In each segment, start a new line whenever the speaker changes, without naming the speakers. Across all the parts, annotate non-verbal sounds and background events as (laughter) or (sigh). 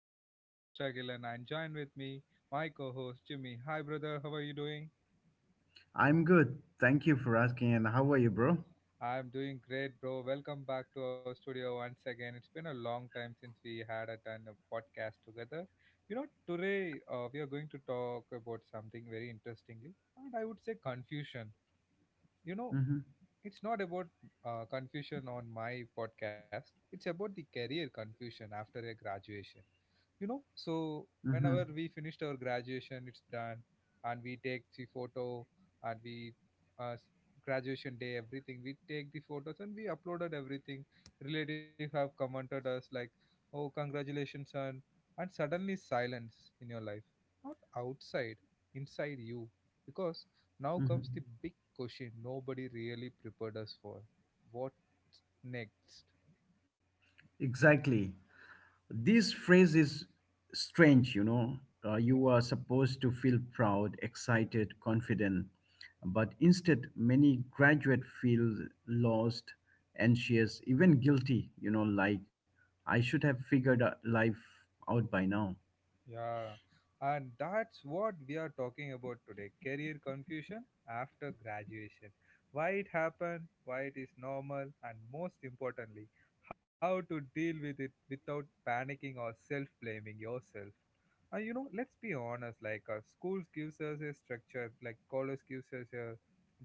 This is your host Agilan and join with me my co-host Jimmy. Hi brother, how are you doing?
I'm good. Thank you for asking. And how are you, bro?
I'm doing great bro. Welcome back to our studio once again. It's been a long time since we had a done a podcast together. Today we are going to talk about something very interestingly and I would say confusion. You know,
Mm-hmm,
it's not about confusion on my podcast. It's about the career confusion after a graduation, you know. So
mm-hmm,
whenever we finished our graduation, it's done and we take the photo, and uh, s- graduation day, everything, we take the photos and we uploaded everything. Relatives have commented us like, oh, congratulations son. And suddenly silence in your life, not outside, inside you, because now
mm-hmm.
comes the big question nobody really prepared us for: what's next.
Exactly. This phrase is strange, you know. You are supposed to feel proud, excited, confident, but instead, many graduate feel lost, anxious, even guilty. You know, like I should have figured out life out by now.
Yeah, and that's what we are talking about today: career confusion after graduation. Why it happened, why it is normal, and most importantly, how to deal with it without panicking or self blaming yourself. And you know, let's be honest like, schools gives us a structure, like college gives us a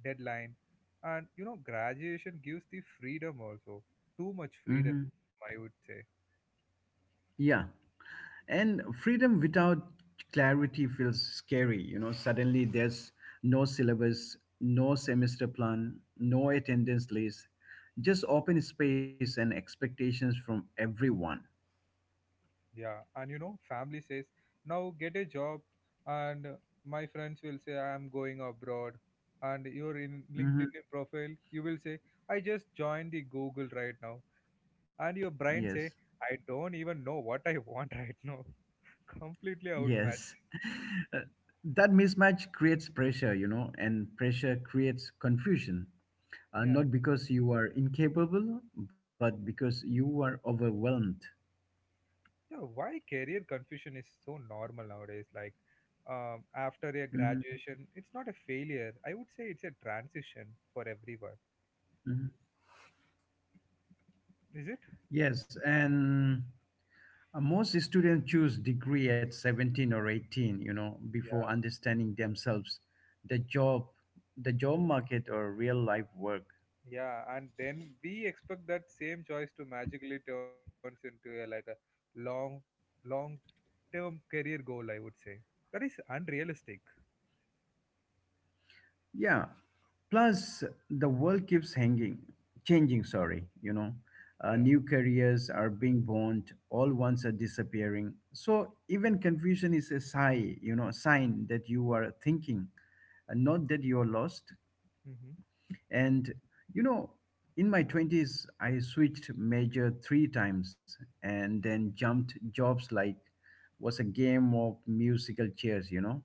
deadline, and you know, graduation gives the freedom also. Too much freedom, I
Mm-hmm.
would say.
Yeah. And freedom without clarity feels scary. You know, suddenly there's no syllabus, no semester plan, no attendance list, just open space and expectations from everyone.
Yeah, and you know, family says, now get a job, and my friends will say, I am going abroad. And your in
Hmm
LinkedIn profile, you will say, I just joined the Google right now. And your brain say,
Yes,
I don't even know what I (laughs) want right now. (laughs) Completely
yes. (laughs)
outmatched.
Uh, that mismatch creates pressure, you know, and pressure creates confusion. Uh,
Yeah.
not because you are incapable, but because you are overwhelmed.
Yeah, why career confusion is so normal nowadays? Like, after a
Mhm.
graduation, it's not a failure. I would say it's a transition for everyone. Is it?
Yes, and most students choose degree at 17 or 18, you know, before
Yeah.
understanding themselves, the job, the job market or real life work.
Yeah, and then we expect that same choice to magically turns into a, like a long, long-term career goal, I would say. That is unrealistic.
Yeah. Plus the world keeps changing, sorry, you know. Uh,
Yeah.
new careers are being born, all ones are disappearing. So even confusion is a sign that you are thinking, and not that you're lost.
Hmm.
And you know, in my twenties, I switched major three times and then jumped jobs like was a game of musical chairs, you know.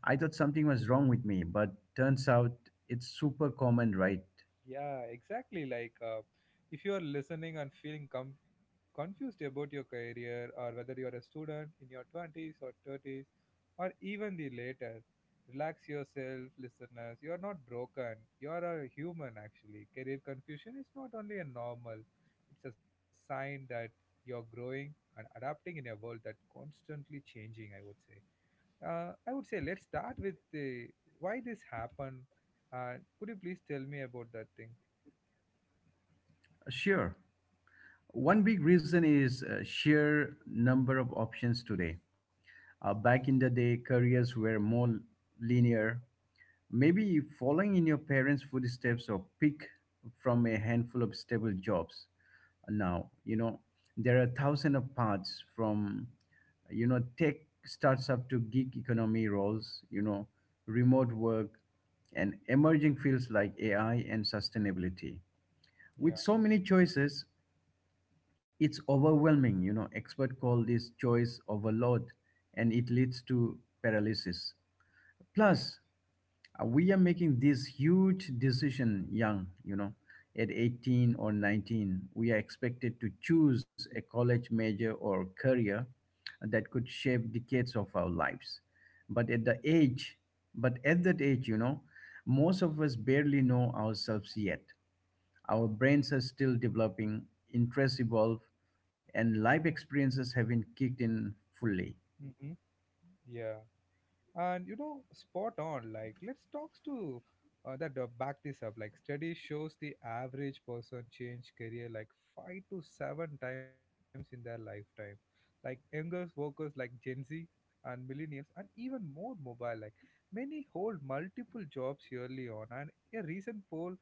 I thought something was wrong with me, but turns out it's super common, right?
Yeah, exactly. Like, if you are listening and feeling confused about your career, or whether you are a student in your 20s or 30s, or even the later, relax yourself, listeners. You are not broken. You are a human, actually. Career confusion is not only a normal, it's a sign that you're growing and adapting in a world that constantly changing, I would say. I would say let's start with the why this happened. Could you please tell me about that thing?
Sure. One big reason is sheer number of options today. Back in the day, careers were more linear. Maybe following in your parents' footsteps or pick from a handful of stable jobs. Now, you know, there are thousands of paths from, you know, tech starts up to gig economy roles, you know, remote work and emerging fields like AI and sustainability.
Yeah,
With so many choices, it's overwhelming. You know, experts call this choice overload and it leads to paralysis.
yeah,
Plus, we are making this huge decision young, you know, at 18 or 19. We are expected to choose a college major or career that could shape decades of our lives. But at the age, but at that age, you know, most of us barely know ourselves yet. Our brains are still developing, interests evolve, and life experiences haven't kicked in fully.
hmm, yeah. And you know, spot on. Like, let's talk to that back this up. Like, study shows the average person change career like 5 to 7 times in their lifetime. Like younger workers like Gen Z and millennials, and even more mobile. Like many hold multiple jobs yearly on. And a recent poll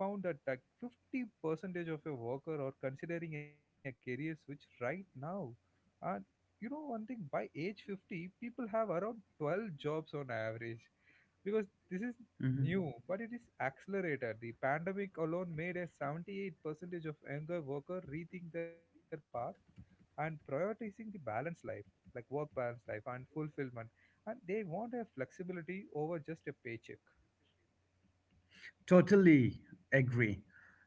found that like 50 percentage of a worker are considering a career switch right now. And you know one thing, by age 50 people have around 12 jobs on average because this is
Mhm.
new, but it is accelerated. The pandemic alone made a 78 percentage of younger worker rethink their path and prioritizing the balanced life, like work balance life and fulfillment, and they want a flexibility over just a paycheck.
Totally agree.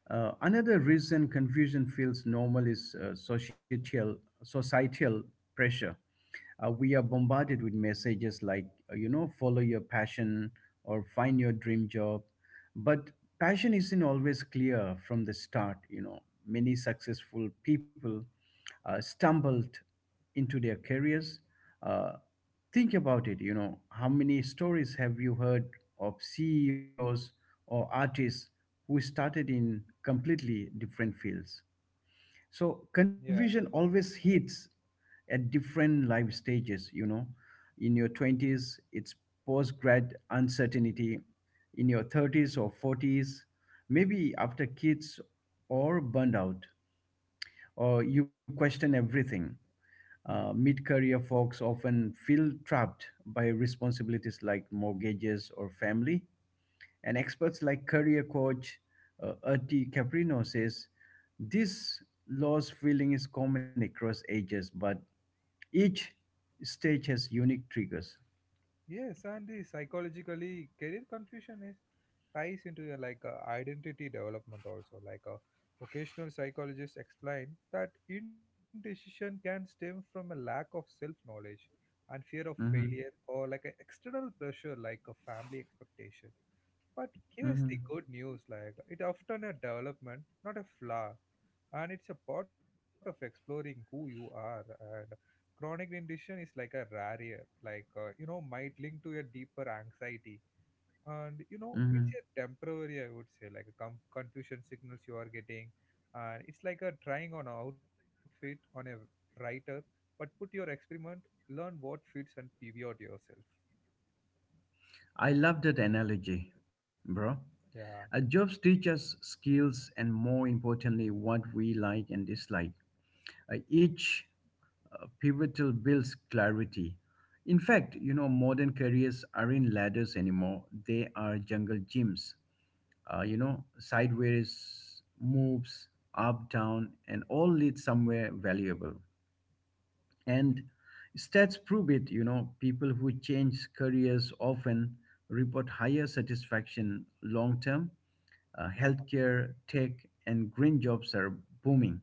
Another reason confusion feels normal is societal pressure. We are bombarded with messages like you know, follow your passion or find your dream job, but passion isn't always clear from the start, you know. Many successful people stumbled into their careers. Uh, think about it, you know, how many stories have you heard of CEOs or artists who started in completely different fields? So confusion always hits at different life stages, you know. In your twenties, it's post grad uncertainty. In your thirties or forties, maybe after kids or burned out, or you question everything.
Yeah.
Mid career folks often feel trapped by responsibilities like mortgages or family, and experts like career coach Erti Caprino says this loss feeling is common across ages, but each stage has unique triggers.
Yes, and the psychologically career confusion is ties into identity development also. Like, occasional psychologists explain that indecision can stem from a lack of self-knowledge and fear of
Hmm
failure or like an external pressure like a family expectation. But here's the
hmm
good news: like it often a development, not a flaw, and it's a part of exploring who you are. And chronic indigestion is like a rare, like, might link to a deeper anxiety. And, you know,
hmm
it's a temporary, I would say, like a confusion signals you are getting. And it's like a trying on an outfit on a writer, but put your experiment, learn what fits and pivot yourself.
I love that analogy, bro. Uh,
Yeah.
jobs teach us skills and, more importantly, what we like and dislike. Each pivotal builds clarity. In fact, you know, modern careers aren't ladders anymore, they are jungle gyms. You know, sideways moves up, down, and all lead somewhere valuable.
Hmm.
And stats prove it, you know, people who change careers often report higher satisfaction long term.
Uh.
Healthcare, tech, and green jobs are booming,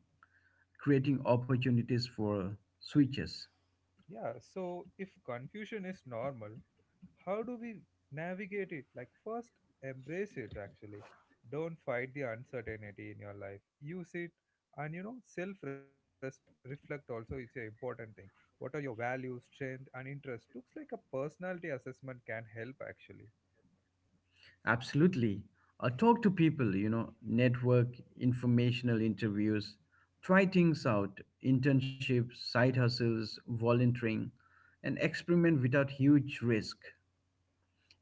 creating opportunities for switches.
Yeah. So if confusion is normal, how do we navigate it? Like, first, embrace it actually. Don't fight the uncertainty in your life, use it. And you know, self reflect also is an important thing. What are your values, strength and interest looks like? A personality assessment can help actually.
Absolutely. Talk to people, you know, network, informational interviews, try things out, internships, side hustles, volunteering, and experiment without huge risk.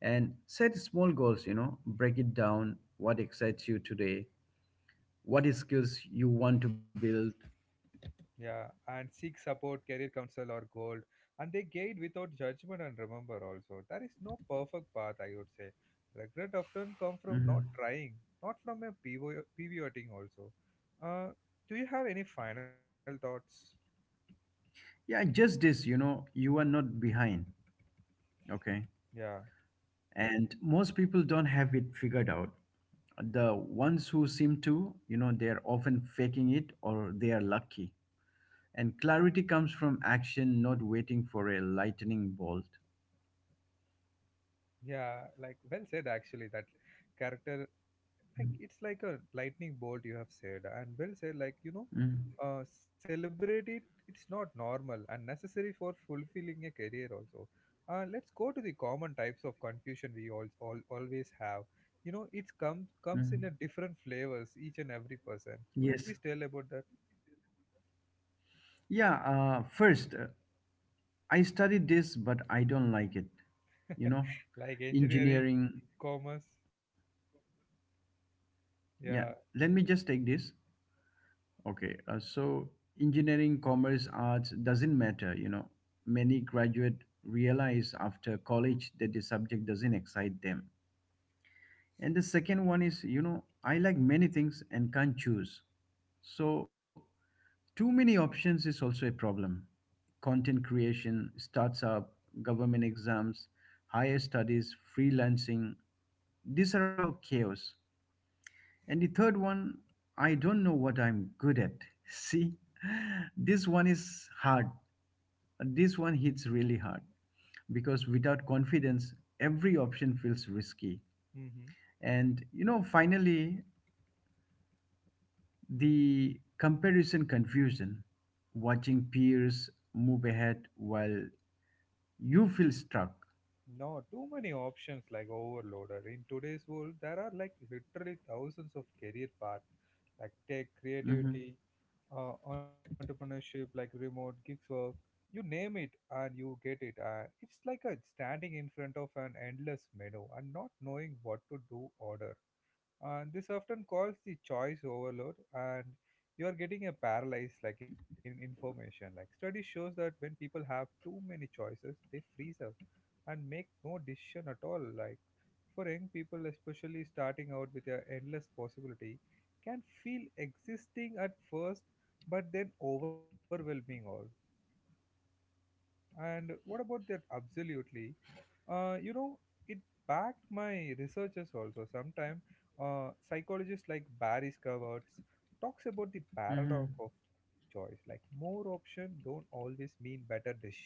And set small goals, you know, break it down. What excites you today, what is skills you want to build.
Yeah, and seek support, career counsel, or gold. And they guide without judgment, and remember also, there is no perfect path, I would say. Regret often come from not
Mhm.
trying, not from a pivoting also. Uh, do you have any final thoughts?
Yeah, just this, you know, you are not behind. Okay.
Yeah,
And most people don't have it figured out. The ones who seem to, you know, they're often faking it, or they are lucky. And clarity comes from action, not waiting for a lightning bolt.
yeah, like well said actually, that character, like it's like a lightning bolt you have said, and well said, like you know,
Mm,
celebrate it, it's not normal and necessary for fulfilling a career also. Let's go to the common types of confusion we all always have. You know it comes in
mm.
a different flavors, each and every person. Could you
Yes,
please tell about that?
yeah. First, I studied this but I don't like it, you know.
(laughs) Like engineering,
Engineering,
commerce.
yeah.
Yeah.
Let me just take this. Okay, so engineering, commerce, arts doesn't matter. You know, many graduate realize after college that the subject doesn't excite them. And the second one is, you know, I like many things and can't choose. So too many options is also a problem. Content creation, startup, government exams, higher studies, freelancing, these are all chaos. And the third one, I don't know what I'm good at. (laughs) See, this one is hard. This one hits really hard because without confidence, every option feels risky.
Mm-hmm.
And you know, finally, the comparison confusion, watching peers move ahead while you feel stuck.
No, too many options, like overloaded. In today's world, there are like literally thousands of career paths like tech,
Mhm,
creativity, entrepreneurship, like remote gigs work. You name it and you get it. And it's like a standing in front of an endless menu and not knowing what to do order. And this often calls the choice overload, and you are getting a paralyzed like in information. Like study shows that when people have too many choices, they freeze up and make no decision at all. Like for young people, especially starting out with an endless possibility, can feel existing at first, but then overwhelming all. And what about that, absolutely? uh, you know it backed my researchers also. Sometimes, psychologists like barry scavats talks about the
mhm,
paradox of choice, like more option don't always mean better decision.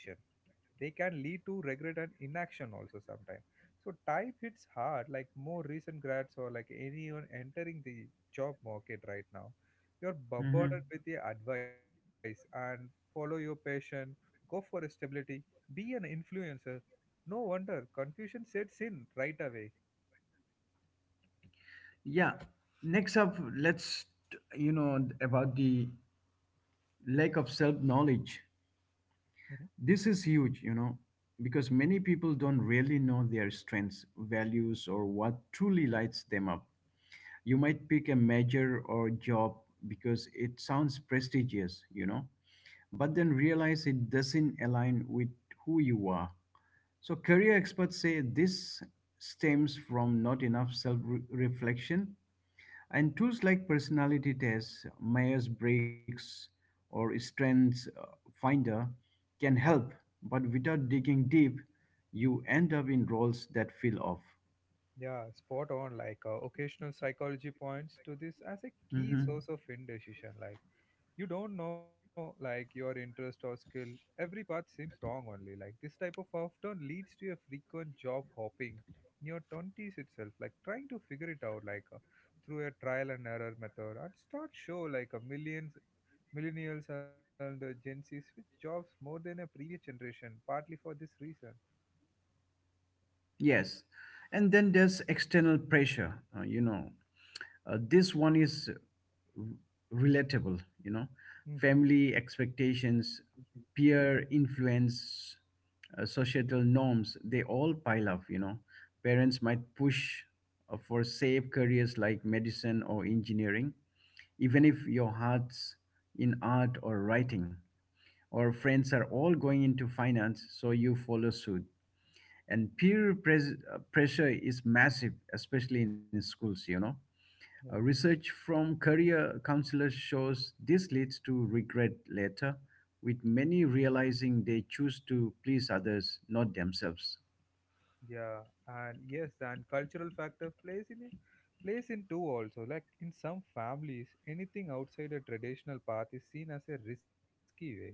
They can lead to regret and inaction also sometimes. So type hits hard, like more recent grads or like anyone entering the job market right now. You're bombarded
mhm.
with the advice and follow your passion, go for stability, be an influencer. No wonder confusion sets in right away.
Yeah. Next up, let's, you know, about the lack of self knowledge.
Hmm.
This is huge, you know, because many people don't really know their strengths, values, or what truly lights them up. You might pick a major or job because it sounds prestigious, you know, but then realize it doesn't align with who you are. So, career experts say this stems from not enough self reflection, and tools like personality tests, Myers Briggs, or Strengths Finder can help, but without digging deep, you end up in roles that feel off.
Yeah, spot on. Like, occasional psychology points to this as a key
Mhm.
source of indecision. Like you don't know like your interest or skill, every path seems wrong only. Like this type of often leads to a frequent job hopping in your 20s itself, like trying to figure it out like through a trial and error method. And start show like a millions millennials and Gen Z switch jobs more than a previous generation, partly for this reason.
Yes. And then there's external pressure, you know. This one is relatable, you know.
Mm-hmm.
Family
Mhm.
expectations, peer influence, societal norms, they all pile up, you know. Parents might push for safe careers like medicine or engineering, even if your heart's in art or writing, or friends are all going into finance, so you follow suit. And pressure is massive, especially in schools, you know.
Yeah.
Research from career counselors shows this leads to regret later, with many realizing they choose to please others, not themselves.
Yeah, and yes, and cultural factor plays in it, plays in too also. Like in some families, anything outside a traditional path is seen as a risky way.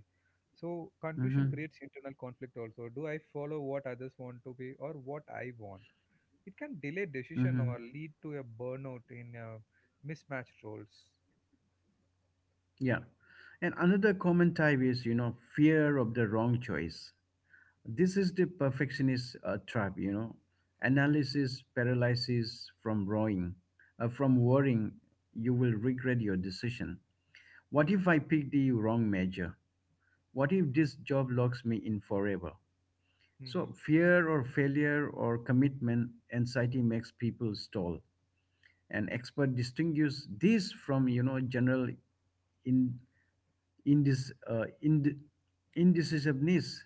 So confusion creates
Mm-hmm.
internal conflict also. Do I follow what others want to be or what I want? It can delay decision
Mm-hmm.
or lead to a burnout in mismatched roles.
Yeah. And another common type is, you know, fear of the wrong choice. This is the perfectionist trap, you know. Analysis paralysis from worrying. From worrying, you will regret your decision. What if I pick the wrong measure? What if this job locks me in forever? So,
Hmm.
fear or failure or commitment anxiety makes people stall. And expert distinguish this from, you know, general in in this uh, ind- indecisiveness,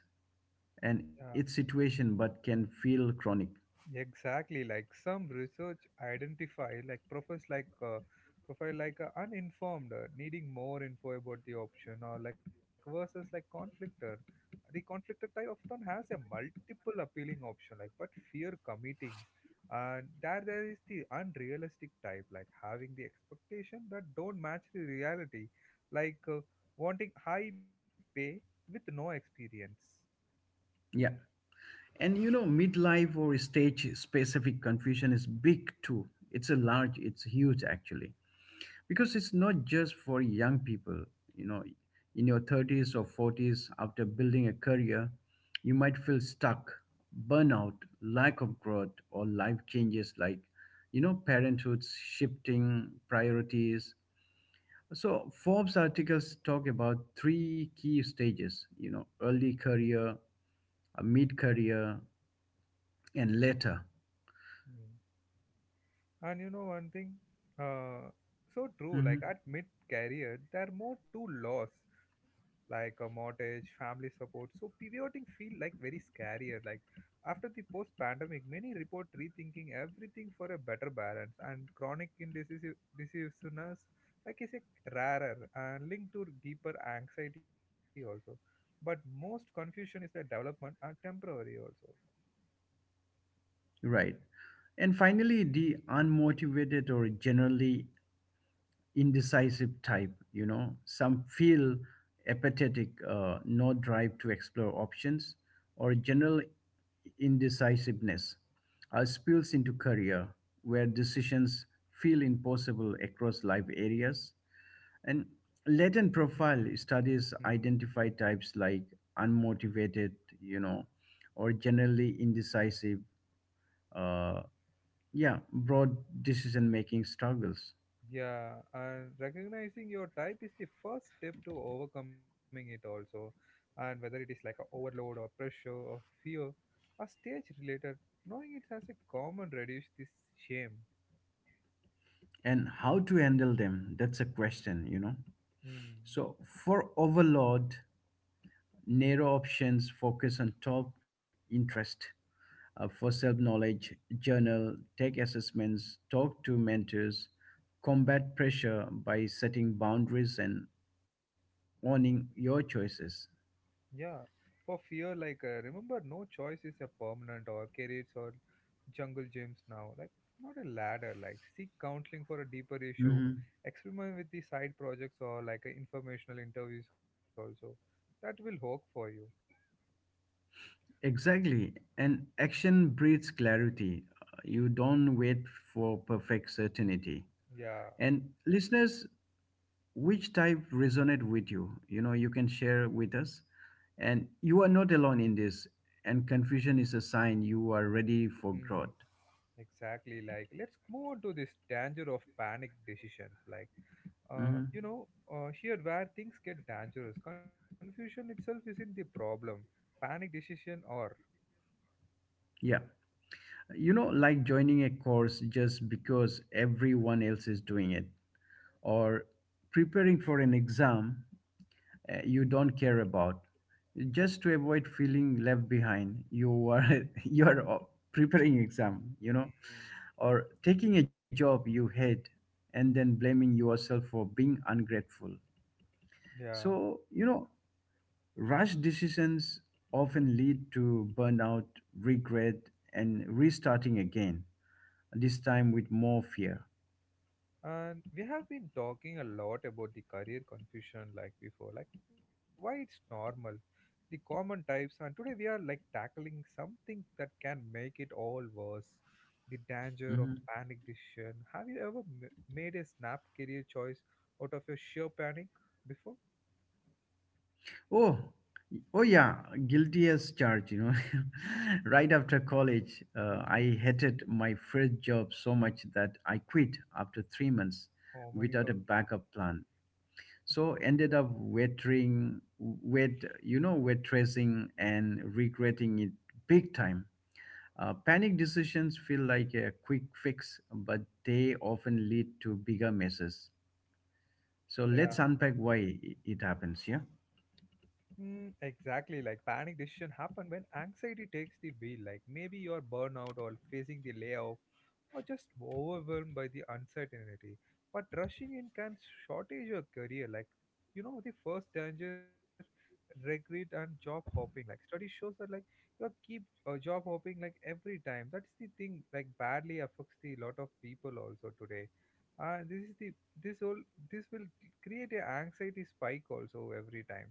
and
Yeah.
its situation, but can feel chronic.
Exactly, like some research identify like profiles like profile like uninformed, needing more info about the option, or like versus like conflictor. The conflictor type often has a multiple appealing option, like but fear committing. And there is the unrealistic type, like having the expectation that don't match the reality, like wanting high pay with no experience.
Yeah, and you know midlife or stage specific confusion is big too. It's huge actually, because it's not just for young people, you know. In your thirties or forties after building a career, you might feel stuck, burnout, lack of growth, or life changes like, you know, parenthood shifting priorities. So Forbes articles talk about three key stages, you know, early career, a mid career, and later.
Hmm. And you know one thing? Uh, so true. Like
Mhm.
at mid career, there are more to loss, like a mortgage, family support. So pivoting feel like very scarier. Like after the post pandemic, many report rethinking everything for a better balance. And chronic indecisive decisiveness, like is a rarer and linked to deeper anxiety also. But most confusion is the development and temporary also.
Right. And finally, the unmotivated or generally indecisive type, you know. Some feel apathetic, no drive to explore options, or general indecisiveness spills into career where decisions feel impossible across life areas. And latent profile studies identify types like unmotivated, you know, or generally indecisive. uh, yeah, broad decision making struggles.
Yeah, and recognizing your type is the first step to overcoming it also. And whether it is like a overload or pressure or fear or stage related, knowing it as a common reduce this shame.
And how to handle them, that's a question, you know.
Hmm.
So for overload, narrow options, focus on top interest. For self knowledge, journal, take assessments, talk to mentors. Combat pressure by setting boundaries and owning your choices.
Yeah, for fear, like remember, no choice is a permanent or careers or jungle gyms now. Like not a ladder. Like seek counseling for a deeper issue.
Mhm.
Experiment with the side projects or like informational interviews also. That will work for you.
Exactly. And action breeds clarity. You don't wait for perfect certainty.
Yeah.
And listeners, which type resonate with you, you know? You can share with us. And you are not alone in this, and confusion is a sign you are ready for
Hmm.
growth.
Exactly. Like, let's move on to this danger of panic decisions.
Mhm.
Here where things get dangerous, confusion itself isn't the problem. Panic decision or.
Yeah, you know, like joining a course just because everyone else is doing it, or preparing for an exam you don't care about, just to avoid feeling left behind. You are (laughs) you are preparing exam you
Hmm.
know Or taking a job you hate and then blaming yourself for being ungrateful.
Yeah.
So, you know, rush decisions often lead to burnout, regret, and restarting again, this time with more fear.
And we have been talking a lot about the career confusion like before, like why it's normal, the common types, and today we are like tackling something that can make it all worse: the danger of
Mhm.
panic decision. Have you ever made a snap career choice out of your sheer panic before?
Oh, oh yeah, guilty as charged, you know. (laughs) Right after college,
Hmm.
I hated my first job so much that I quit after 3 months
Oh my
without a backup plan. So ended up you know, waitressing and regretting it big time. Panic decisions feel like a quick fix, but they often lead to bigger messes. So
god.
let's unpack why it happens. Yeah.
Mm, exactly. Like panic decision happen when anxiety takes the wheel. Like maybe you're burnout or facing the layoff or just overwhelmed by the uncertainty. But rushing in can shortage your career. Like you know the first danger, regret and job hopping. Like study shows that like you keep job hopping like every time. That's the thing. Like badly affects the lot of people also today. This is the this all this will create a anxiety spike also every time.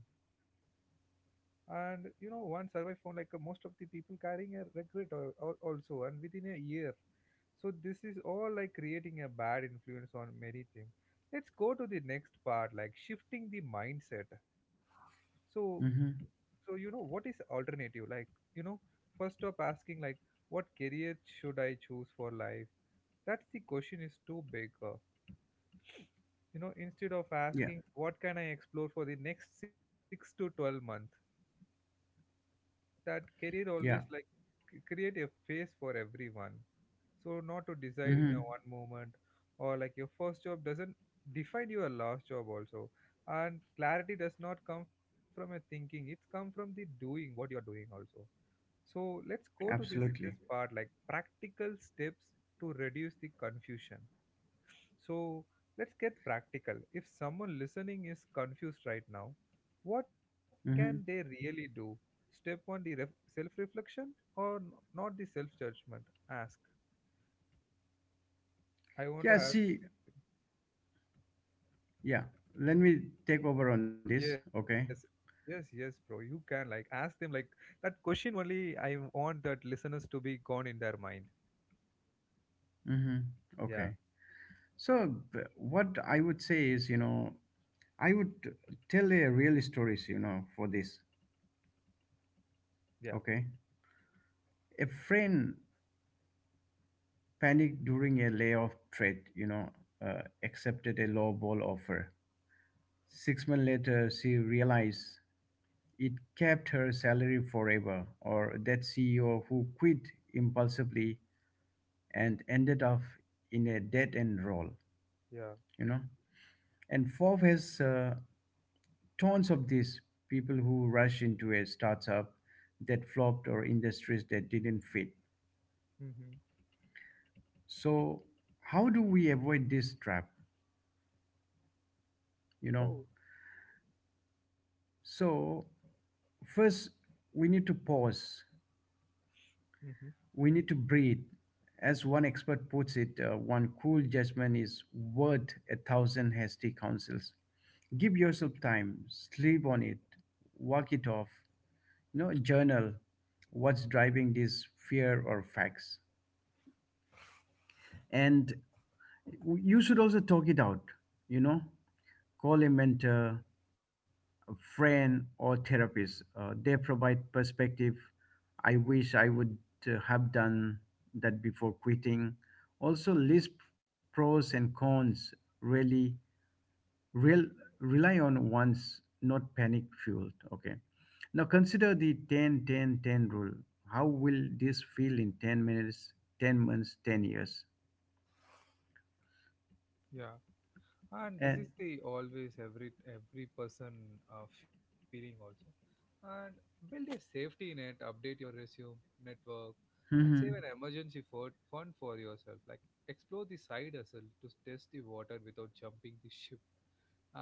And you know one survey found like most of the people carrying a regret also and within a year. So this is all like creating a bad influence on many things. Let's go to the next part like shifting the mindset. So
Mm-hmm.
so you know what is alternative. Like you know first stop asking like what career should I choose for life. That's the question is too big. You know instead of
Yeah.
asking what can I explore for the next 6 to 12 months. That career always
Yeah.
like create a space for everyone. So not to decide in your
Mm-hmm.
one moment. Or like your first job doesn't define your last job also. And clarity does not come from a thinking, it's come from the doing what you are doing also. So let's go to this
Absolutely.
this part like practical steps to reduce the confusion. So let's get practical. If someone listening is confused right now, what can they
Mm-hmm.
really do? Step one: the self reflection or not the self judgment? Ask. I want to
Yeah.
ask.
See. Yeah. Let me take over on this.
Yes,
Okay.
yes, yes, bro. You can like ask them like that question only. I want that listeners to be gone in their mind.
Mm-hmm.
Yeah,
Okay. So, what I would say is, you know, I would tell a real stories, you know, for this.
yeah,
Okay, a friend panicked during a layoff threat. You know, accepted a lowball offer. 6 months later, she realized it kept her salary forever. Or that CEO who quit impulsively and ended up in a dead end role.
yeah.
You know, and Forbes has tons of these people who rush into a startup that flopped or industries that didn't fit.
Mm-hmm.
So, how do we avoid this trap? You know,
Oh,
so first we need to pause,
mm-hmm.
we need to breathe. As one expert puts it, one cool judgment is worth a thousand hasty counsels. Give yourself time, sleep on it, walk it off, journal what's driving this fear or facts. And You should also talk it out, you know, call a mentor, a friend, or therapist. They provide perspective. I wish I would have done that before quitting. Also, list pros and cons. Really, real rely on one's, not panic fueled. Okay. Now consider the 10, 10, 10 rule. How will this feel in 10 minutes, 10 months, 10 years?
Yeah. And this
And
is the always every person feeling also. And build a safety net, update your resume, network, and save an
Mhm.
emergency fund for yourself. Like explore the side hustle to test the water without jumping the ship.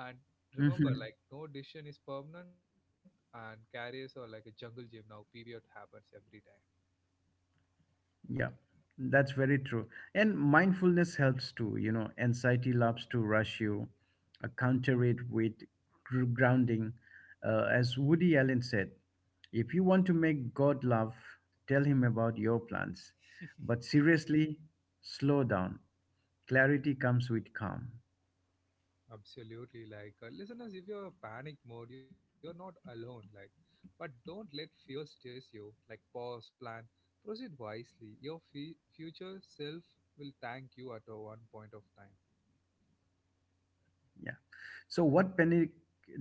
And remember
Mhm.
like no decision is permanent, and carriers are like a jungle gym now, pivot happens every time.
Yeah, that's very true. And mindfulness helps too. Anxiety loves to rush you, counter it with grounding.
Hmm.
As Woody Allen said, if you want to make God laugh, tell him about your plans. But seriously, slow down. Clarity comes with calm.
Absolutely. Like, listeners, if you're in panic mode, you're not alone. Like, but don't let fear steers you. Like, pause, plan, proceed wisely. Your future self will thank you at a one point of time.
Yeah. So, what panic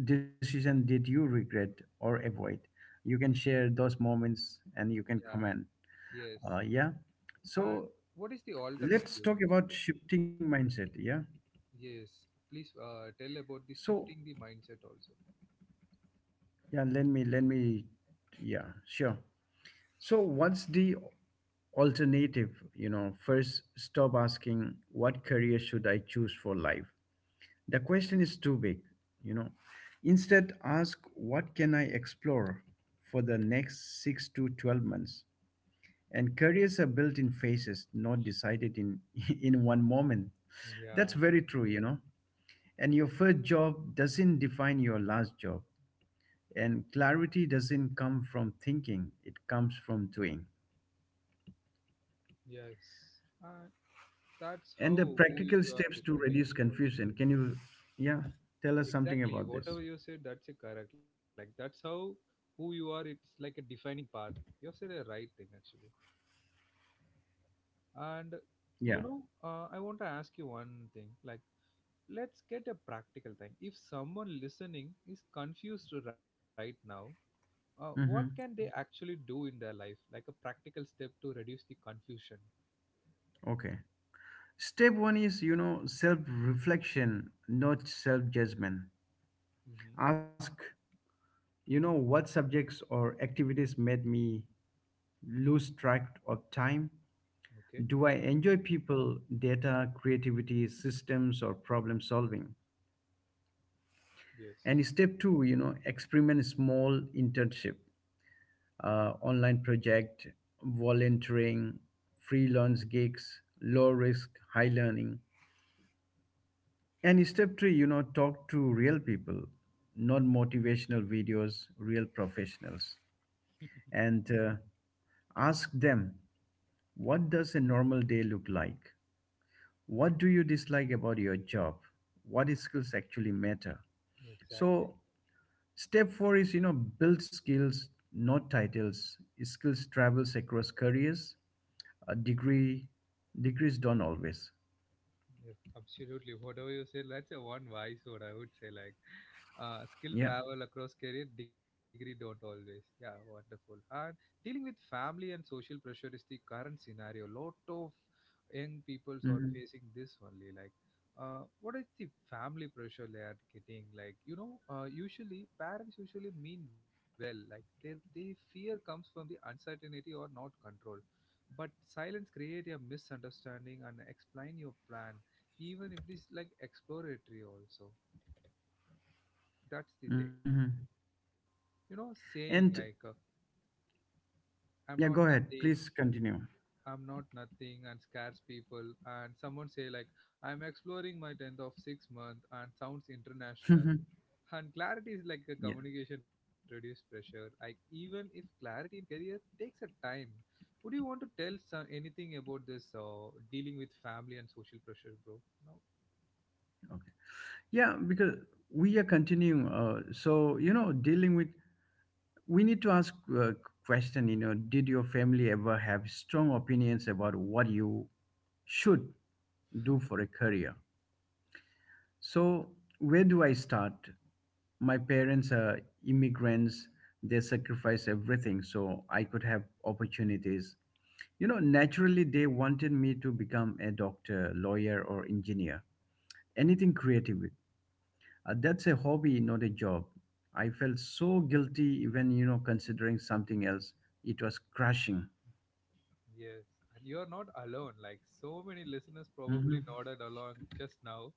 decision did you regret or avoid? You can share those moments and you can
Yeah,
comment.
yes.
Yeah. So
And what is the
let's
alternative?
talk about shifting mindset. Yeah.
Yes, please, tell about the
So,
shifting the mindset also.
yeah, let me, yeah, sure. So, what's the alternative? First, stop asking what career should I choose for life. The question is too big, you know instead, ask what can I explore for the next 6 to 12 months. And careers are built in phases, not decided in (laughs) in one moment. that's
Yeah,
very true you know And your first job doesn't define your last job. And clarity doesn't come from thinking, it comes from doing.
yes. And that's
And the
how who is
practical
you are
steps to
defending
reduce
you also.
confusion. Can you, yeah, tell us something
Exactly,
about
whatever
this?
you said that's a correct, like that's how who you are, it's like a defining path. You have said a right thing actually. And you
Yeah.
know, I want to ask you one thing. Like let's get a practical thing. If someone listening is confused right now, what can they
Mm-hmm.
actually do in their life, like a practical step to reduce the confusion.
Okay. Step one is, self reflection, not self judgment.
Mm-hmm.
Ask, what subjects or activities made me lose track of time?
Okay.
Do I enjoy people, data, creativity, systems, or problem solving?
Yes.
And step two, experiment small internship, online project, volunteering, freelance gigs, low risk, high learning. And step three, talk to real people, not motivational videos, real professionals.
(laughs)
And ask them, what does a normal day look like? What do you dislike about your job? What skills actually matter?
Exactly.
So, step four is build skills, not titles. Skills travels across careers. A degree, degrees don't always.
Yep, absolutely. Whatever you say, that's a one wise word. I would say like, skill
Yeah.
travel across career degree don't always. Yeah, wonderful. And dealing with family and social pressure is the current scenario. Lot of young peoples are
Hmm.
facing this only. Like, what is the family pressure they are getting? Like, you know, usually parents usually mean well. Like, their fear comes from the uncertainty or not control. But silence create a misunderstanding and explain your plan, even if it is like exploratory also. That's the thing.
Hmm.
You know, saying like
And,
I'm
yeah,
not
go ahead.
nothing.
Please continue.
I'm not nothing and scares people. And someone say like I'm exploring my 10th of 6 month and sounds
(laughs)
international.
Yeah.
And clarity is like a communication reduce pressure, like even if clarity in career takes a time. Would you want to tell some, anything about this dealing with family and social pressure, bro? No.
Okay. Yeah, because we are continuing. So, dealing with we need to ask a question. Did your family ever have strong opinions about what you should do for a career. So, where do I start? My parents are immigrants. They sacrificed everything so I could have opportunities. Naturally, they wanted me to become a doctor, lawyer, or engineer, anything creative. That's a hobby, not a job. I felt so guilty, even, considering something else. It was crushing.
Yes, and you're not alone. Like so many listeners probably
Hmm.
nodded along just now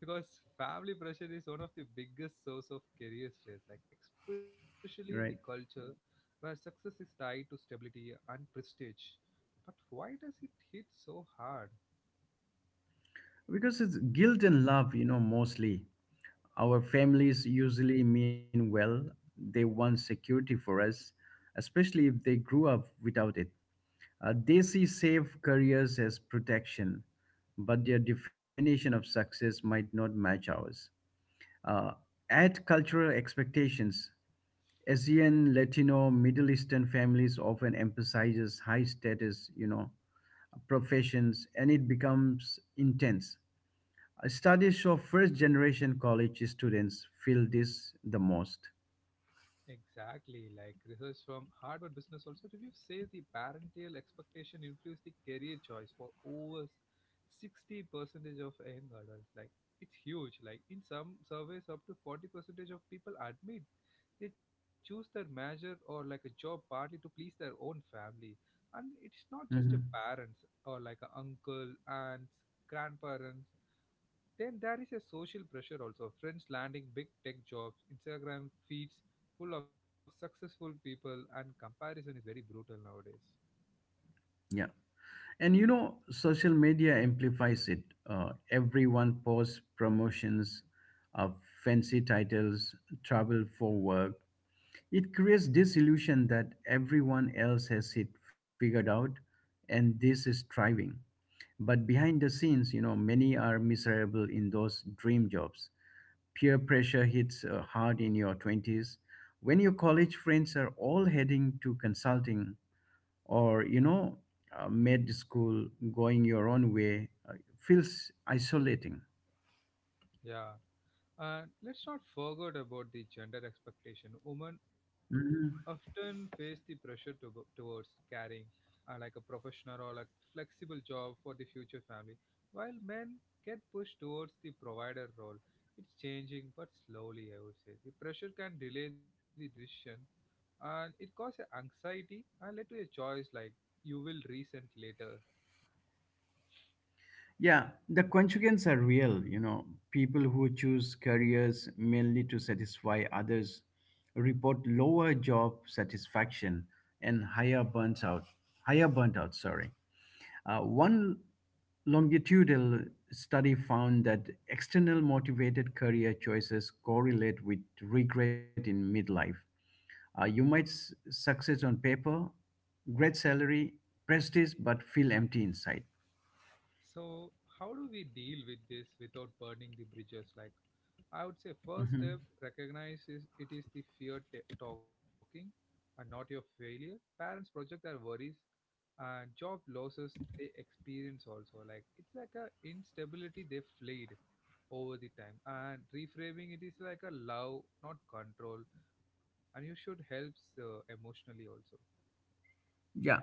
because family pressure is one of the biggest source of career stress, like especially in the
Right.
culture where success is tied to stability and prestige. But why does it hit so hard?
Because it's guilt and love, mostly. Our families usually mean well. They want security for us, especially if they grew up without it. They see safe careers as protection, but their definition of success might not match ours. Uh, add cultural expectations. Asian, Latino, Middle Eastern families often emphasizes high status, professions, and it becomes intense. Studies show first generation college students feel this the most.
Exactly, like research from Harvard Business also review says the parental expectation influences the career choice for over 60 percentage of young adults. Like it's huge. Like in some surveys, up to 40 percentage of people admit they choose their major or like a job partly to please their own family. And it's not just a
Mhm.
parents or like a uncle, aunts, grandparents. Then there is a social pressure also. Friends landing big tech jobs, Instagram feeds full of successful people, and comparison is very brutal nowadays.
Yeah. And social media amplifies it. Everyone posts promotions, uh, fancy titles, travel for work. It creates this illusion that everyone else has it figured out and this is thriving. But behind the scenes, many are miserable in those dream jobs. Peer pressure hits hard in your 20s when your college friends are all heading to consulting, or med school. Going your own way feels isolating.
Yeah, and let's not forget about the gender expectation. Women
Mhm.
often face the pressure to, towards carrying like a professional or like flexible job for the future family, while men get pushed towards the provider role. It's changing, but slowly, I would say. The pressure can delay the decision, and it caused a anxiety and led to a choice like you will resent later.
Yeah, the consequences are real, people who choose careers mainly to satisfy others report lower job satisfaction and higher burnt out, higher burnt out, sorry. One longitudinal study found that external motivated career choices correlate with regret in midlife. You might succeed on paper, great salary, prestige, but feel empty inside.
So, how do we deal with this without burning the bridges? Like, I would say first
Mhm.
step recognize is it is the fear talking and not your failure. Parents project their worries and job losses they experience also. Like it's like a instability they flayed over the time, and reframing it is like a love, not control, and you should helps emotionally also.
Yeah,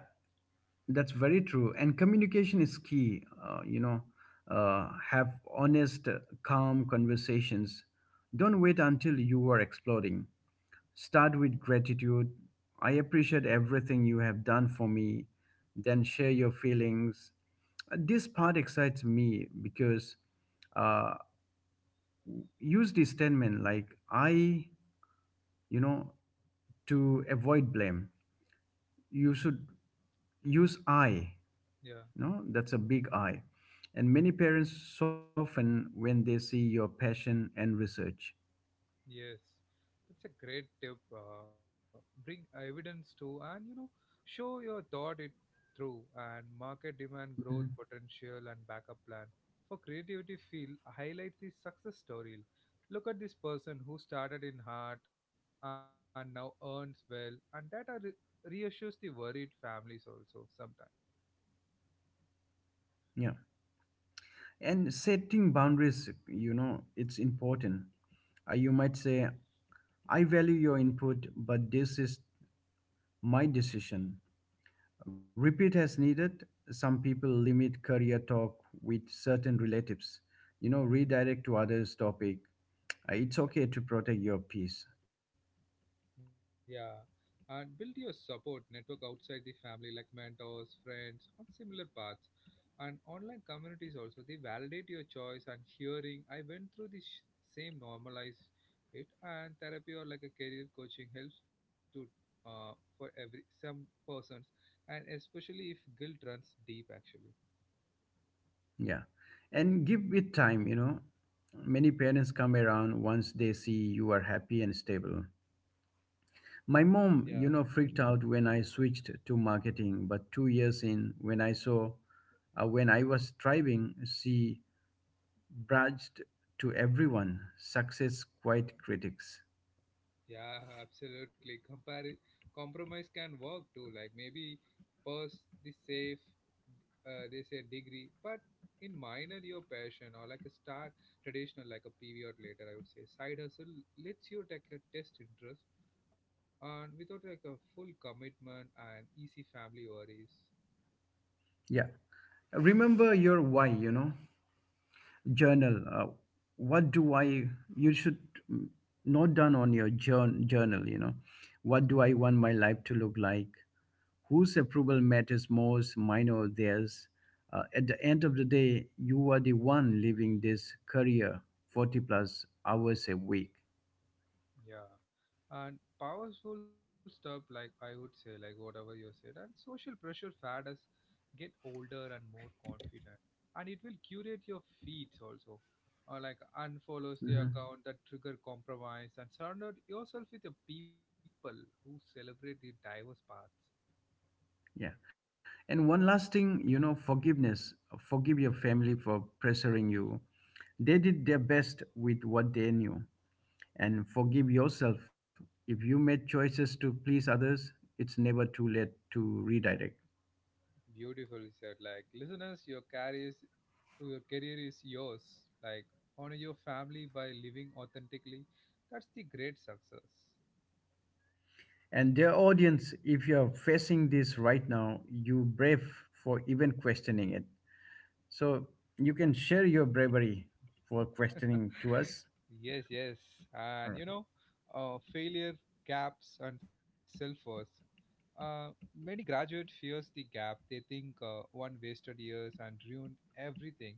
that's very true. And communication is key. Have honest, calm conversations. Don't wait until you are exploding. Start with gratitude. I appreciate everything you have done for me. Then share your feelings. This part excites me because uh, use this statement like I, you know, to avoid blame. You
Hmm.
should use I.
Yeah.
No, that's a big I. And many parents soften when they see your passion and research.
Yes, that's a great tip. Bring evidence too, and you know, show your thought it through and market demand growth
Mhm.
potential and backup plan for creativity field, highlight the success story. Look at this person who started in heart and now earns well, and that are reassures the worried families also sometimes.
Yeah. And setting boundaries, it's important. You might say, I value your input, but this is my decision. Repeat as needed. Some people limit career talk with certain relatives. Redirect to others' topic. It's okay to protect your peace.
Yeah, and build your support network outside the family, like mentors, friends, on similar paths. And online communities also, they validate your choice and hearing. I went through this same, normalize it. And therapy or like a career coaching helps to, for every some persons, and especially if guilt runs deep. Actually,
Yeah. And give it time. Many parents come around once they see you are happy and stable. My mom,
yeah.
freaked out when I switched to marketing, but 2 years in, when I was thriving, she bragged to everyone, success quite critics.
Yeah, absolutely. Compare Compromise can work too. Like maybe purse the safe, they say degree, but in minor your passion or like a start traditional like a period later, I would say side hustle lets you take a test interest and without like a full commitment and easy family worries.
Yeah. Remember your why. Journal. What do I, you should mm, note down on your journal. What do
Hmm.
I want my life to look like? Whose approval matters most, mine or theirs? At the end of the day, you are the one living this career 40 plus hours a week.
Yeah. And powerful stuff, like I would say, like whatever you said, and social pressure fad us get older and more confident. And it will curate your feeds also. Or like unfollows the account that trigger compromise and surround yourself with the people who celebrate the diverse paths.
Yeah. And one last thing, forgiveness. Forgive your family for pressuring you. They did their best with what they knew. And forgive yourself. If you made choices to please others, it's never too late to redirect.
Beautifully said. Like listeners, your career is yours. Like honor your family by living authentically. That's the great success.
And dear audience, if you're facing this right now, you brave for even questioning it. So you can share your bravery for questioning to us.
Yes, yes.
All.
And you know, failure, gaps, and self worth. Uh, Many graduate fears the gap. They think one wasted years and ruined everything.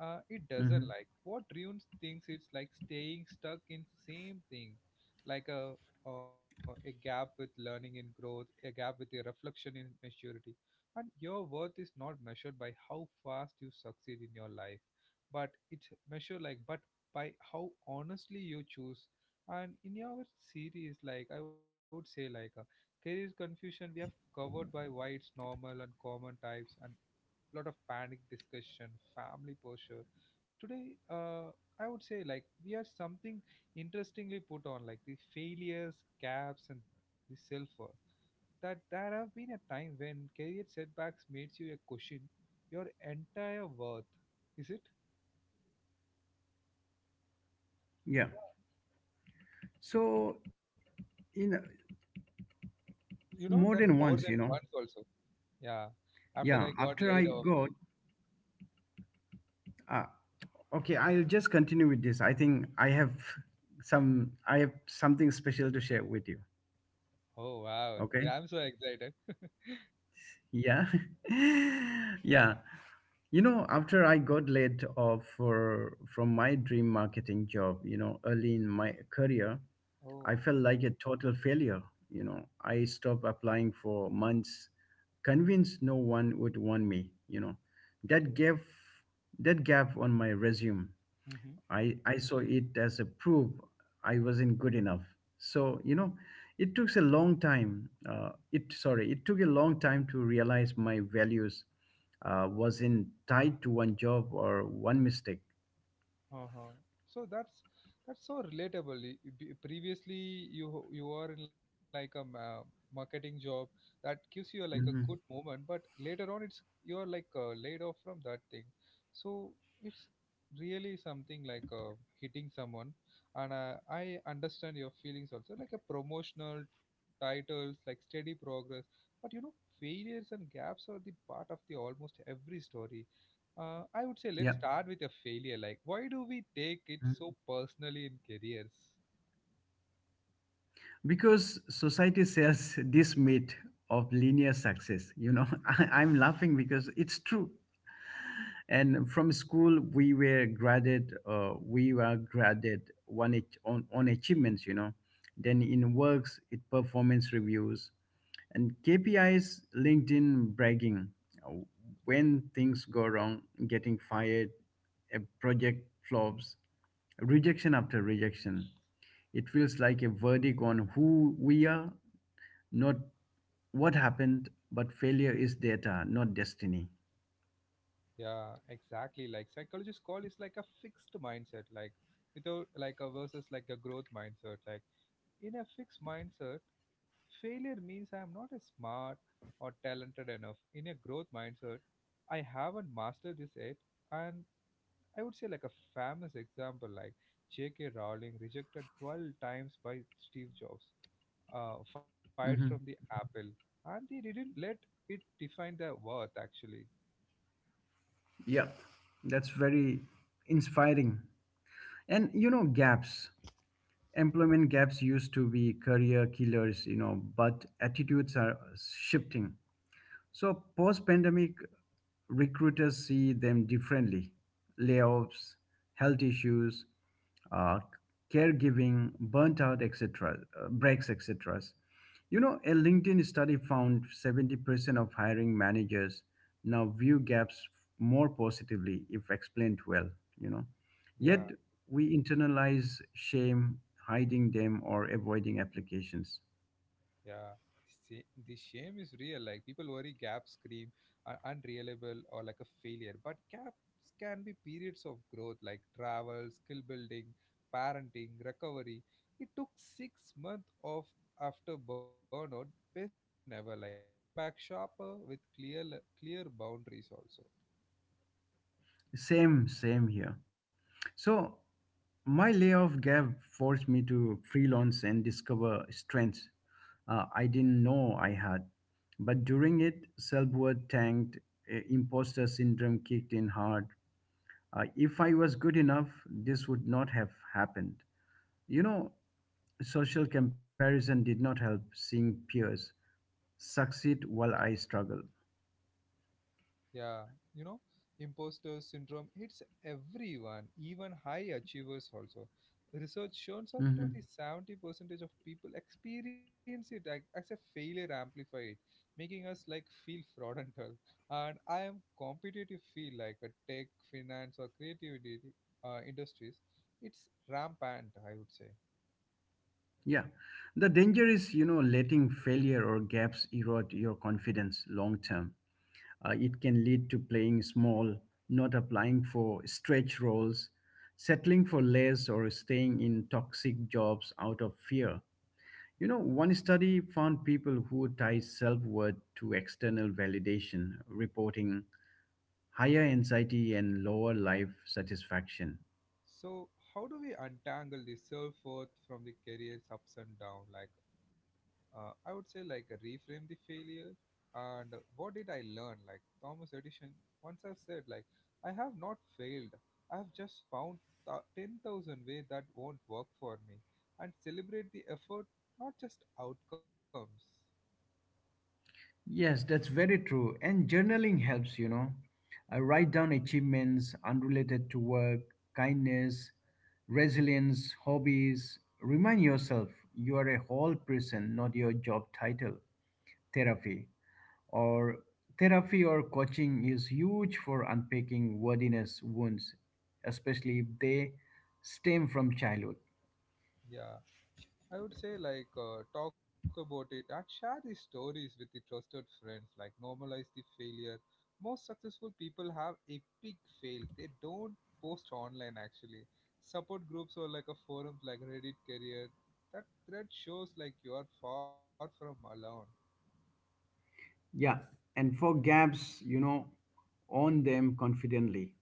It doesn't,
Mm-hmm.
like what ruins things it's like staying stuck in same thing. Like a gap with learning and growth, a gap with a reflection in maturity. And your worth is not measured by how fast you succeed in your life, but it's measured like but by how honestly you choose. And in your series, like I would say like a career confusion, we have covered by why it's normal and common types. And lot of panic discussion, family posture today. uh, I would say like we are something interestingly put on like the failures, gaps and the self-worth. That there have been a time when career setbacks made you a question your entire worth. Is it,
Yeah. So, you know,
you know, that
more
more than
than once, you
once
know.
also? Yeah, after I
Yeah,
got laid off.
uh, okay, I'll just continue with this. I think I have something special to share with you.
Oh wow, yeah, I'm so
Okay.
excited.
Yeah. (laughs) Yeah. After I got laid off from my dream marketing job, early in my career, I
Oh,
felt like a total failure. I stopped applying for months, convinced no one would want me. That gave that gap on my resume,
okay.
I saw it as a proof I wasn't good enough. So, it took a long time. It sorry, it took a long time to realize my values wasn't tied to one job or one mistake.
Uh-huh. So that's so relatable. Previously, you are in like a marketing job that gives you a, like a good
Mhm.
moment, but later on, it's you're like laid off from that thing. So it's really something like hitting someone, and I understand your feelings also. Like a promotional titles, like steady progress, but you know, failures and gaps are the part of the almost every story. I would say
Yeah.
let's start with a failure. Like, why do we take it
Mhm.
so personally in careers?
Because society sells (laughs) this myth of linear success. (laughs) I'm laughing because it's true. And from school, we were graded on achievements, then
Mm.
in works it performance reviews and kpis linked in bragging. uh, when things go wrong, getting fired, a project flops, rejection after rejection, it feels like a verdict on who we are, not what happened. But failure is data, not destiny.
Yeah, exactly. Like psychologists call is like a fixed mindset, like without like a versus like a growth mindset. Like in a fixed mindset, failure means I am not as smart or talented enough. In a growth mindset, I haven't mastered this yet. And I would say like a famous example, like J.K. Rowling rejected 12 times by Steve Jobs, fired from
Mm-hmm.
the apple, and they didn't let it define their worth. Actually,
Yeah, that's very inspiring. And gaps, employment gaps used to be career killers, but attitudes are shifting. So, post pandemic, recruiters see them differently: layoffs, health issues, uh, caregiving, burnt out, etc., breaks, etc. A LinkedIn study found 70% of hiring managers now view gaps more positively if explained well, you know.
yeah,
Yet we internalize shame, hiding them, or avoiding applications.
yeah. The the shame is real. Like people worry Gap scream are unreliable or like a failure, but gaps can be periods of growth, like travel, skill building, parenting, recovery. He took 6 months off after burnout, best decision ever. Like came back sharper with clear boundaries also.
Same, same here. So my layoff gap forced me to freelance and discover strengths I didn't know I had. But during it, self-worth tanked, imposter syndrome kicked in hard. If I was good enough, this would not have happened. You know, social comparison did not help seeing peers succeed while I struggle.
Yeah, you know, Imposter syndrome hits everyone, even high achievers also. Research shows up to
Mm-hmm.
the 70 percentage of people experience as a failure amplified, making us like feel (laughs) fraudulent. And I am competitive feel like a tech, finance or creativity industries. It's rampant, I would say.
Yeah. The danger is, letting failure or gaps erode your confidence long term. It can lead to playing small, not applying for stretch roles, settling for less, or staying in toxic jobs out of fear. One study found people who tie self worth to external validation, reporting higher anxiety and lower life satisfaction.
So how do we untangle the self-worth from the career's ups and downs? Like I would say like reframe the failure and what did I learn? Like Thomas Edison once have said, like I have not failed. I have just found 10,000 ways that won't work for me, and celebrate the effort, not just outcomes.
Yes, that's very true. And journaling helps. I write down achievements unrelated to work, kindness, resilience, hobbies. Remind yourself you are a whole person, not your job title. Therapy or Therapy or coaching is huge for unpacking worthiness wounds, especially if they stem from childhood.
Yeah. I would say like talk about it and share these stories with the trusted friends. Like normalize the failure. Most successful people have epic fail. They don't post online actually. Support groups or like a forums like Reddit career. That thread shows like you are far from alone.
Yeah, and for gaps, own them confidently.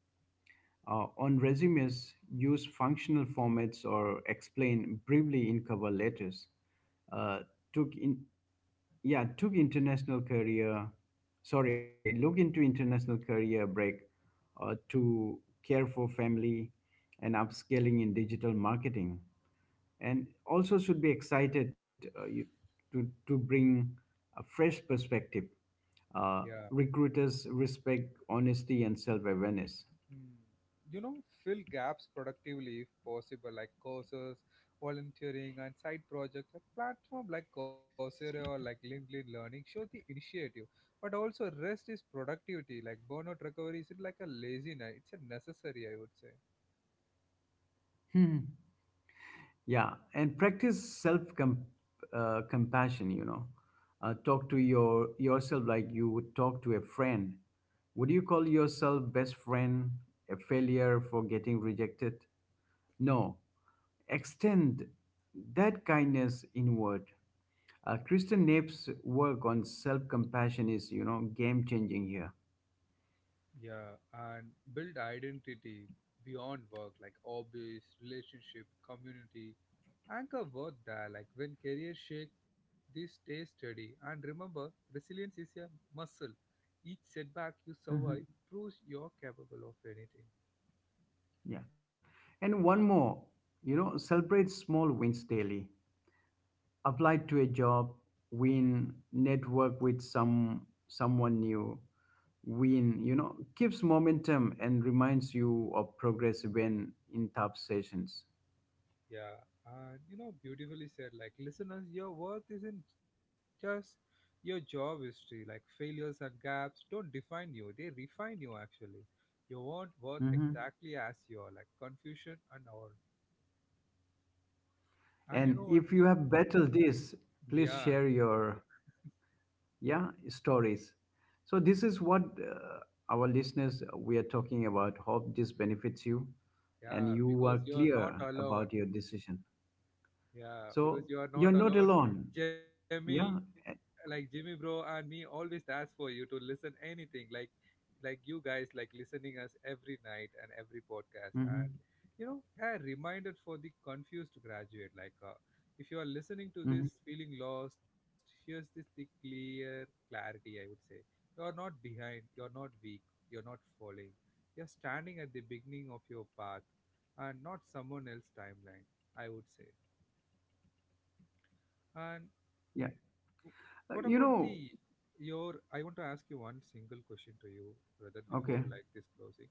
On resumes, use functional formats or explain briefly in cover letters. Uh, took in, yeah, took international career. Sorry, look into international career break to care for family and upscaling in digital marketing. And also should be excited you, to bring a fresh perspective. Uh,
Yeah.
recruiters respect honesty and self awareness.
Hmm. You know, fill gaps productively if possible, like courses, volunteering, and side projects. Like platform like Coursera or like LinkedIn Learning shows the initiative, but also rest is productivity. Like burnout recovery isn't like a laziness; it's a necessary, I would say.
(laughs) Yeah, and practice self compassion. Talk to yourself like you would talk to a friend. Would you call yourself best friend a failure for getting rejected? No, extend that kindness inward. Kristen Nape's work on self compassion is, game changing here.
Yeah, and build identity beyond work, like hobbies, relationship, community. Anchor worth there, like when career shake, this stay steady. And remember, resilience is a muscle. Each setback you survive
Hmm.
proves you're capable of anything.
Yeah, and one more, celebrate small wins daily. Applied to a job, win. Network with someone new, win, keeps momentum and reminds you of progress when in tough sessions.
Yeah, and you know, beautifully said. Like, listeners, your worth isn't just your job history. Like, failures and gaps don't define you, they refine you actually. You weren't worth
Mhm.
exactly as you are, like, confusion and all. And you
And
know, one
if you
thing,
have battled this please
yeah,
share your, yeah, stories. So this is what uh, our listeners we are talking about. Hope this benefits you. And
yeah,
you are
because you're not
clear
alone.
about your decision.
Yeah, because
So
you are
you're
not
not
alone.
alone.
Jamie,
Yeah.
like Jimmy bro and me always that's for you to listen anything like you guys like listening us every night and every podcast. And
Mhm.
you know, a reminder for the confused graduate, like if you are listening to
Mhm.
this feeling lost, here's this the clear clarity, I would say. You are not behind, you are not weak, you are not falling. You are standing at the beginning of your path and not someone else's timeline, I would say. And
Yeah.
what about
Uh, You
the
know,
your? I want to ask you one single question to you, rather before
okay.
like this closing.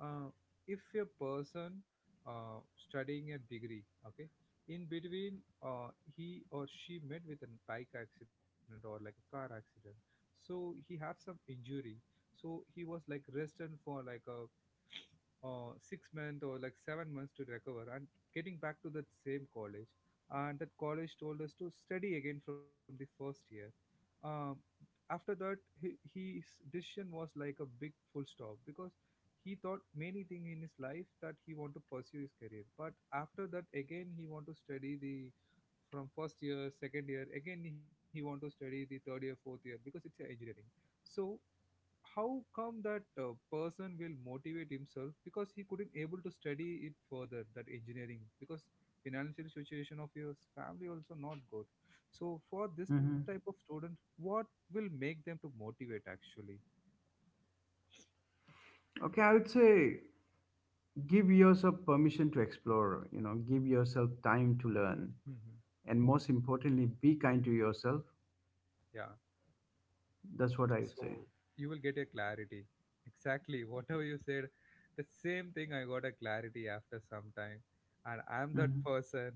Uh, if a person studying a degree, okay, in between uh, he or she met with a bike accident or like a car accident, so he have some injury. So he was like rested for like a 6 months or like 7 months to recover and getting back to that same college, and that college told us to study again from the first year. um, After that he, his decision was like a big full stop, because he thought many things in his life that he want to pursue his career, but after that again he want to study the, from first year, second year, again he want to study the third year, fourth year, because it's a engineering. So how come that person will motivate himself, because he couldn't able to study it further that engineering, because financial situation of his family also not good. So for this type of
Hmm.
student, what will make them to motivate actually?
Okay, I would say give yourself permission to explore, give yourself time to learn.
Mhm.
And most importantly, be kind to yourself.
Yeah,
That's what I would
so
say.
you will get a clarity exactly whatever you said. The same thing I got a clarity after some time, and I'm that (laughs)
Hmm.
person.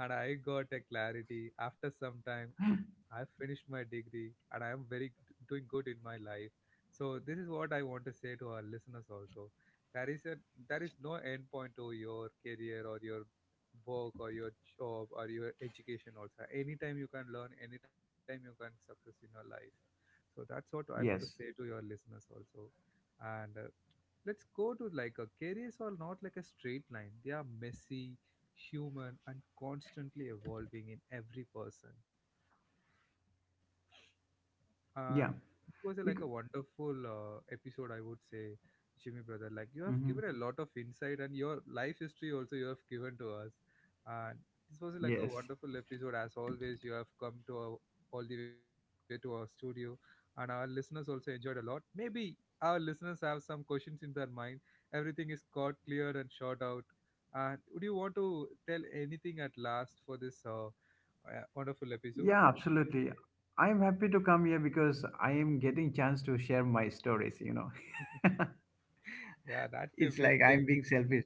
And I got a clarity after some time, I finished my degree, and I am very doing good in my life. So this is what I want to say to our listeners also. There is a, there is no end point to your career, or your work, or your job, or your education also. Anytime you can learn, anytime you can success in your life. So that's what I want to say
Yes.
to your listeners also. And let's go to like a careers are not like a straight line, they are messy, human and constantly evolving in every person. And
Yeah.
it was a, like a
Because,
wonderful episode I would say. Jimmy brother, like you have
Mhm.
given a lot of insight and your life history also you have given to us. And this was like a
Yes.
wonderful episode as always. You have come to our, all the way to our studio, and our listeners also enjoyed a lot. Maybe our listeners have some questions in their mind, everything is caught clear and short out. And would you want to tell anything at last for this wonderful episode?
Yeah, absolutely. I'm happy to come here because I am getting chance to share my stories. (laughs)
(laughs) Yeah, that's a
It's
big
like I'm
thing.
being selfish.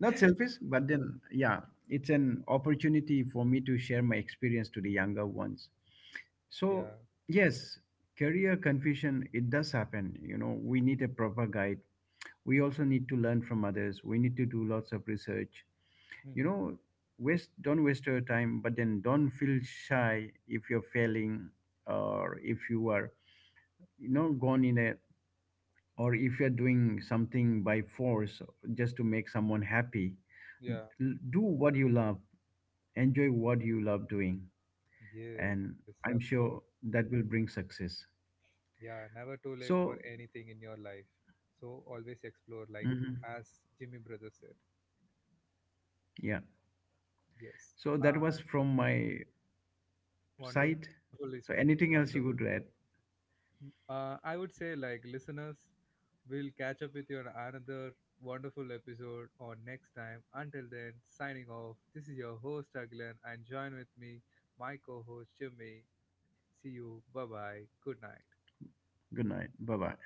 Not selfish, but then, yeah, it's an opportunity for me to share my experience to the younger ones.
Yeah.
So, yes, career confusion, it does happen. We need a proper guide. We also need to learn from others. We need to do lots of research. You
Hmm.
know, waste Don't waste your time, but then don't feel shy if you're failing or if you are, gone in a or if you're doing something by force just to make someone happy.
Yeah.
Do what you love, enjoy what you love doing.
Yes,
And
of course.
I'm sure that will bring success.
Yeah, never too late
So,
for anything in your life. So always explore, like,
mhm,
as Jimmy Brother said.
yeah.
Yes.
So that was
Uh,
from my side.
Wonderfully said.
So, anything
Wonderfully.
else you would add?
N- I would say, like, listeners, we'll catch up with you on another wonderful episode or next time. Until then, signing off. This is your host, Aglan, and join with me, my co host, Jimmy. See you. Bye bye. Good night.
Good night, bye bye.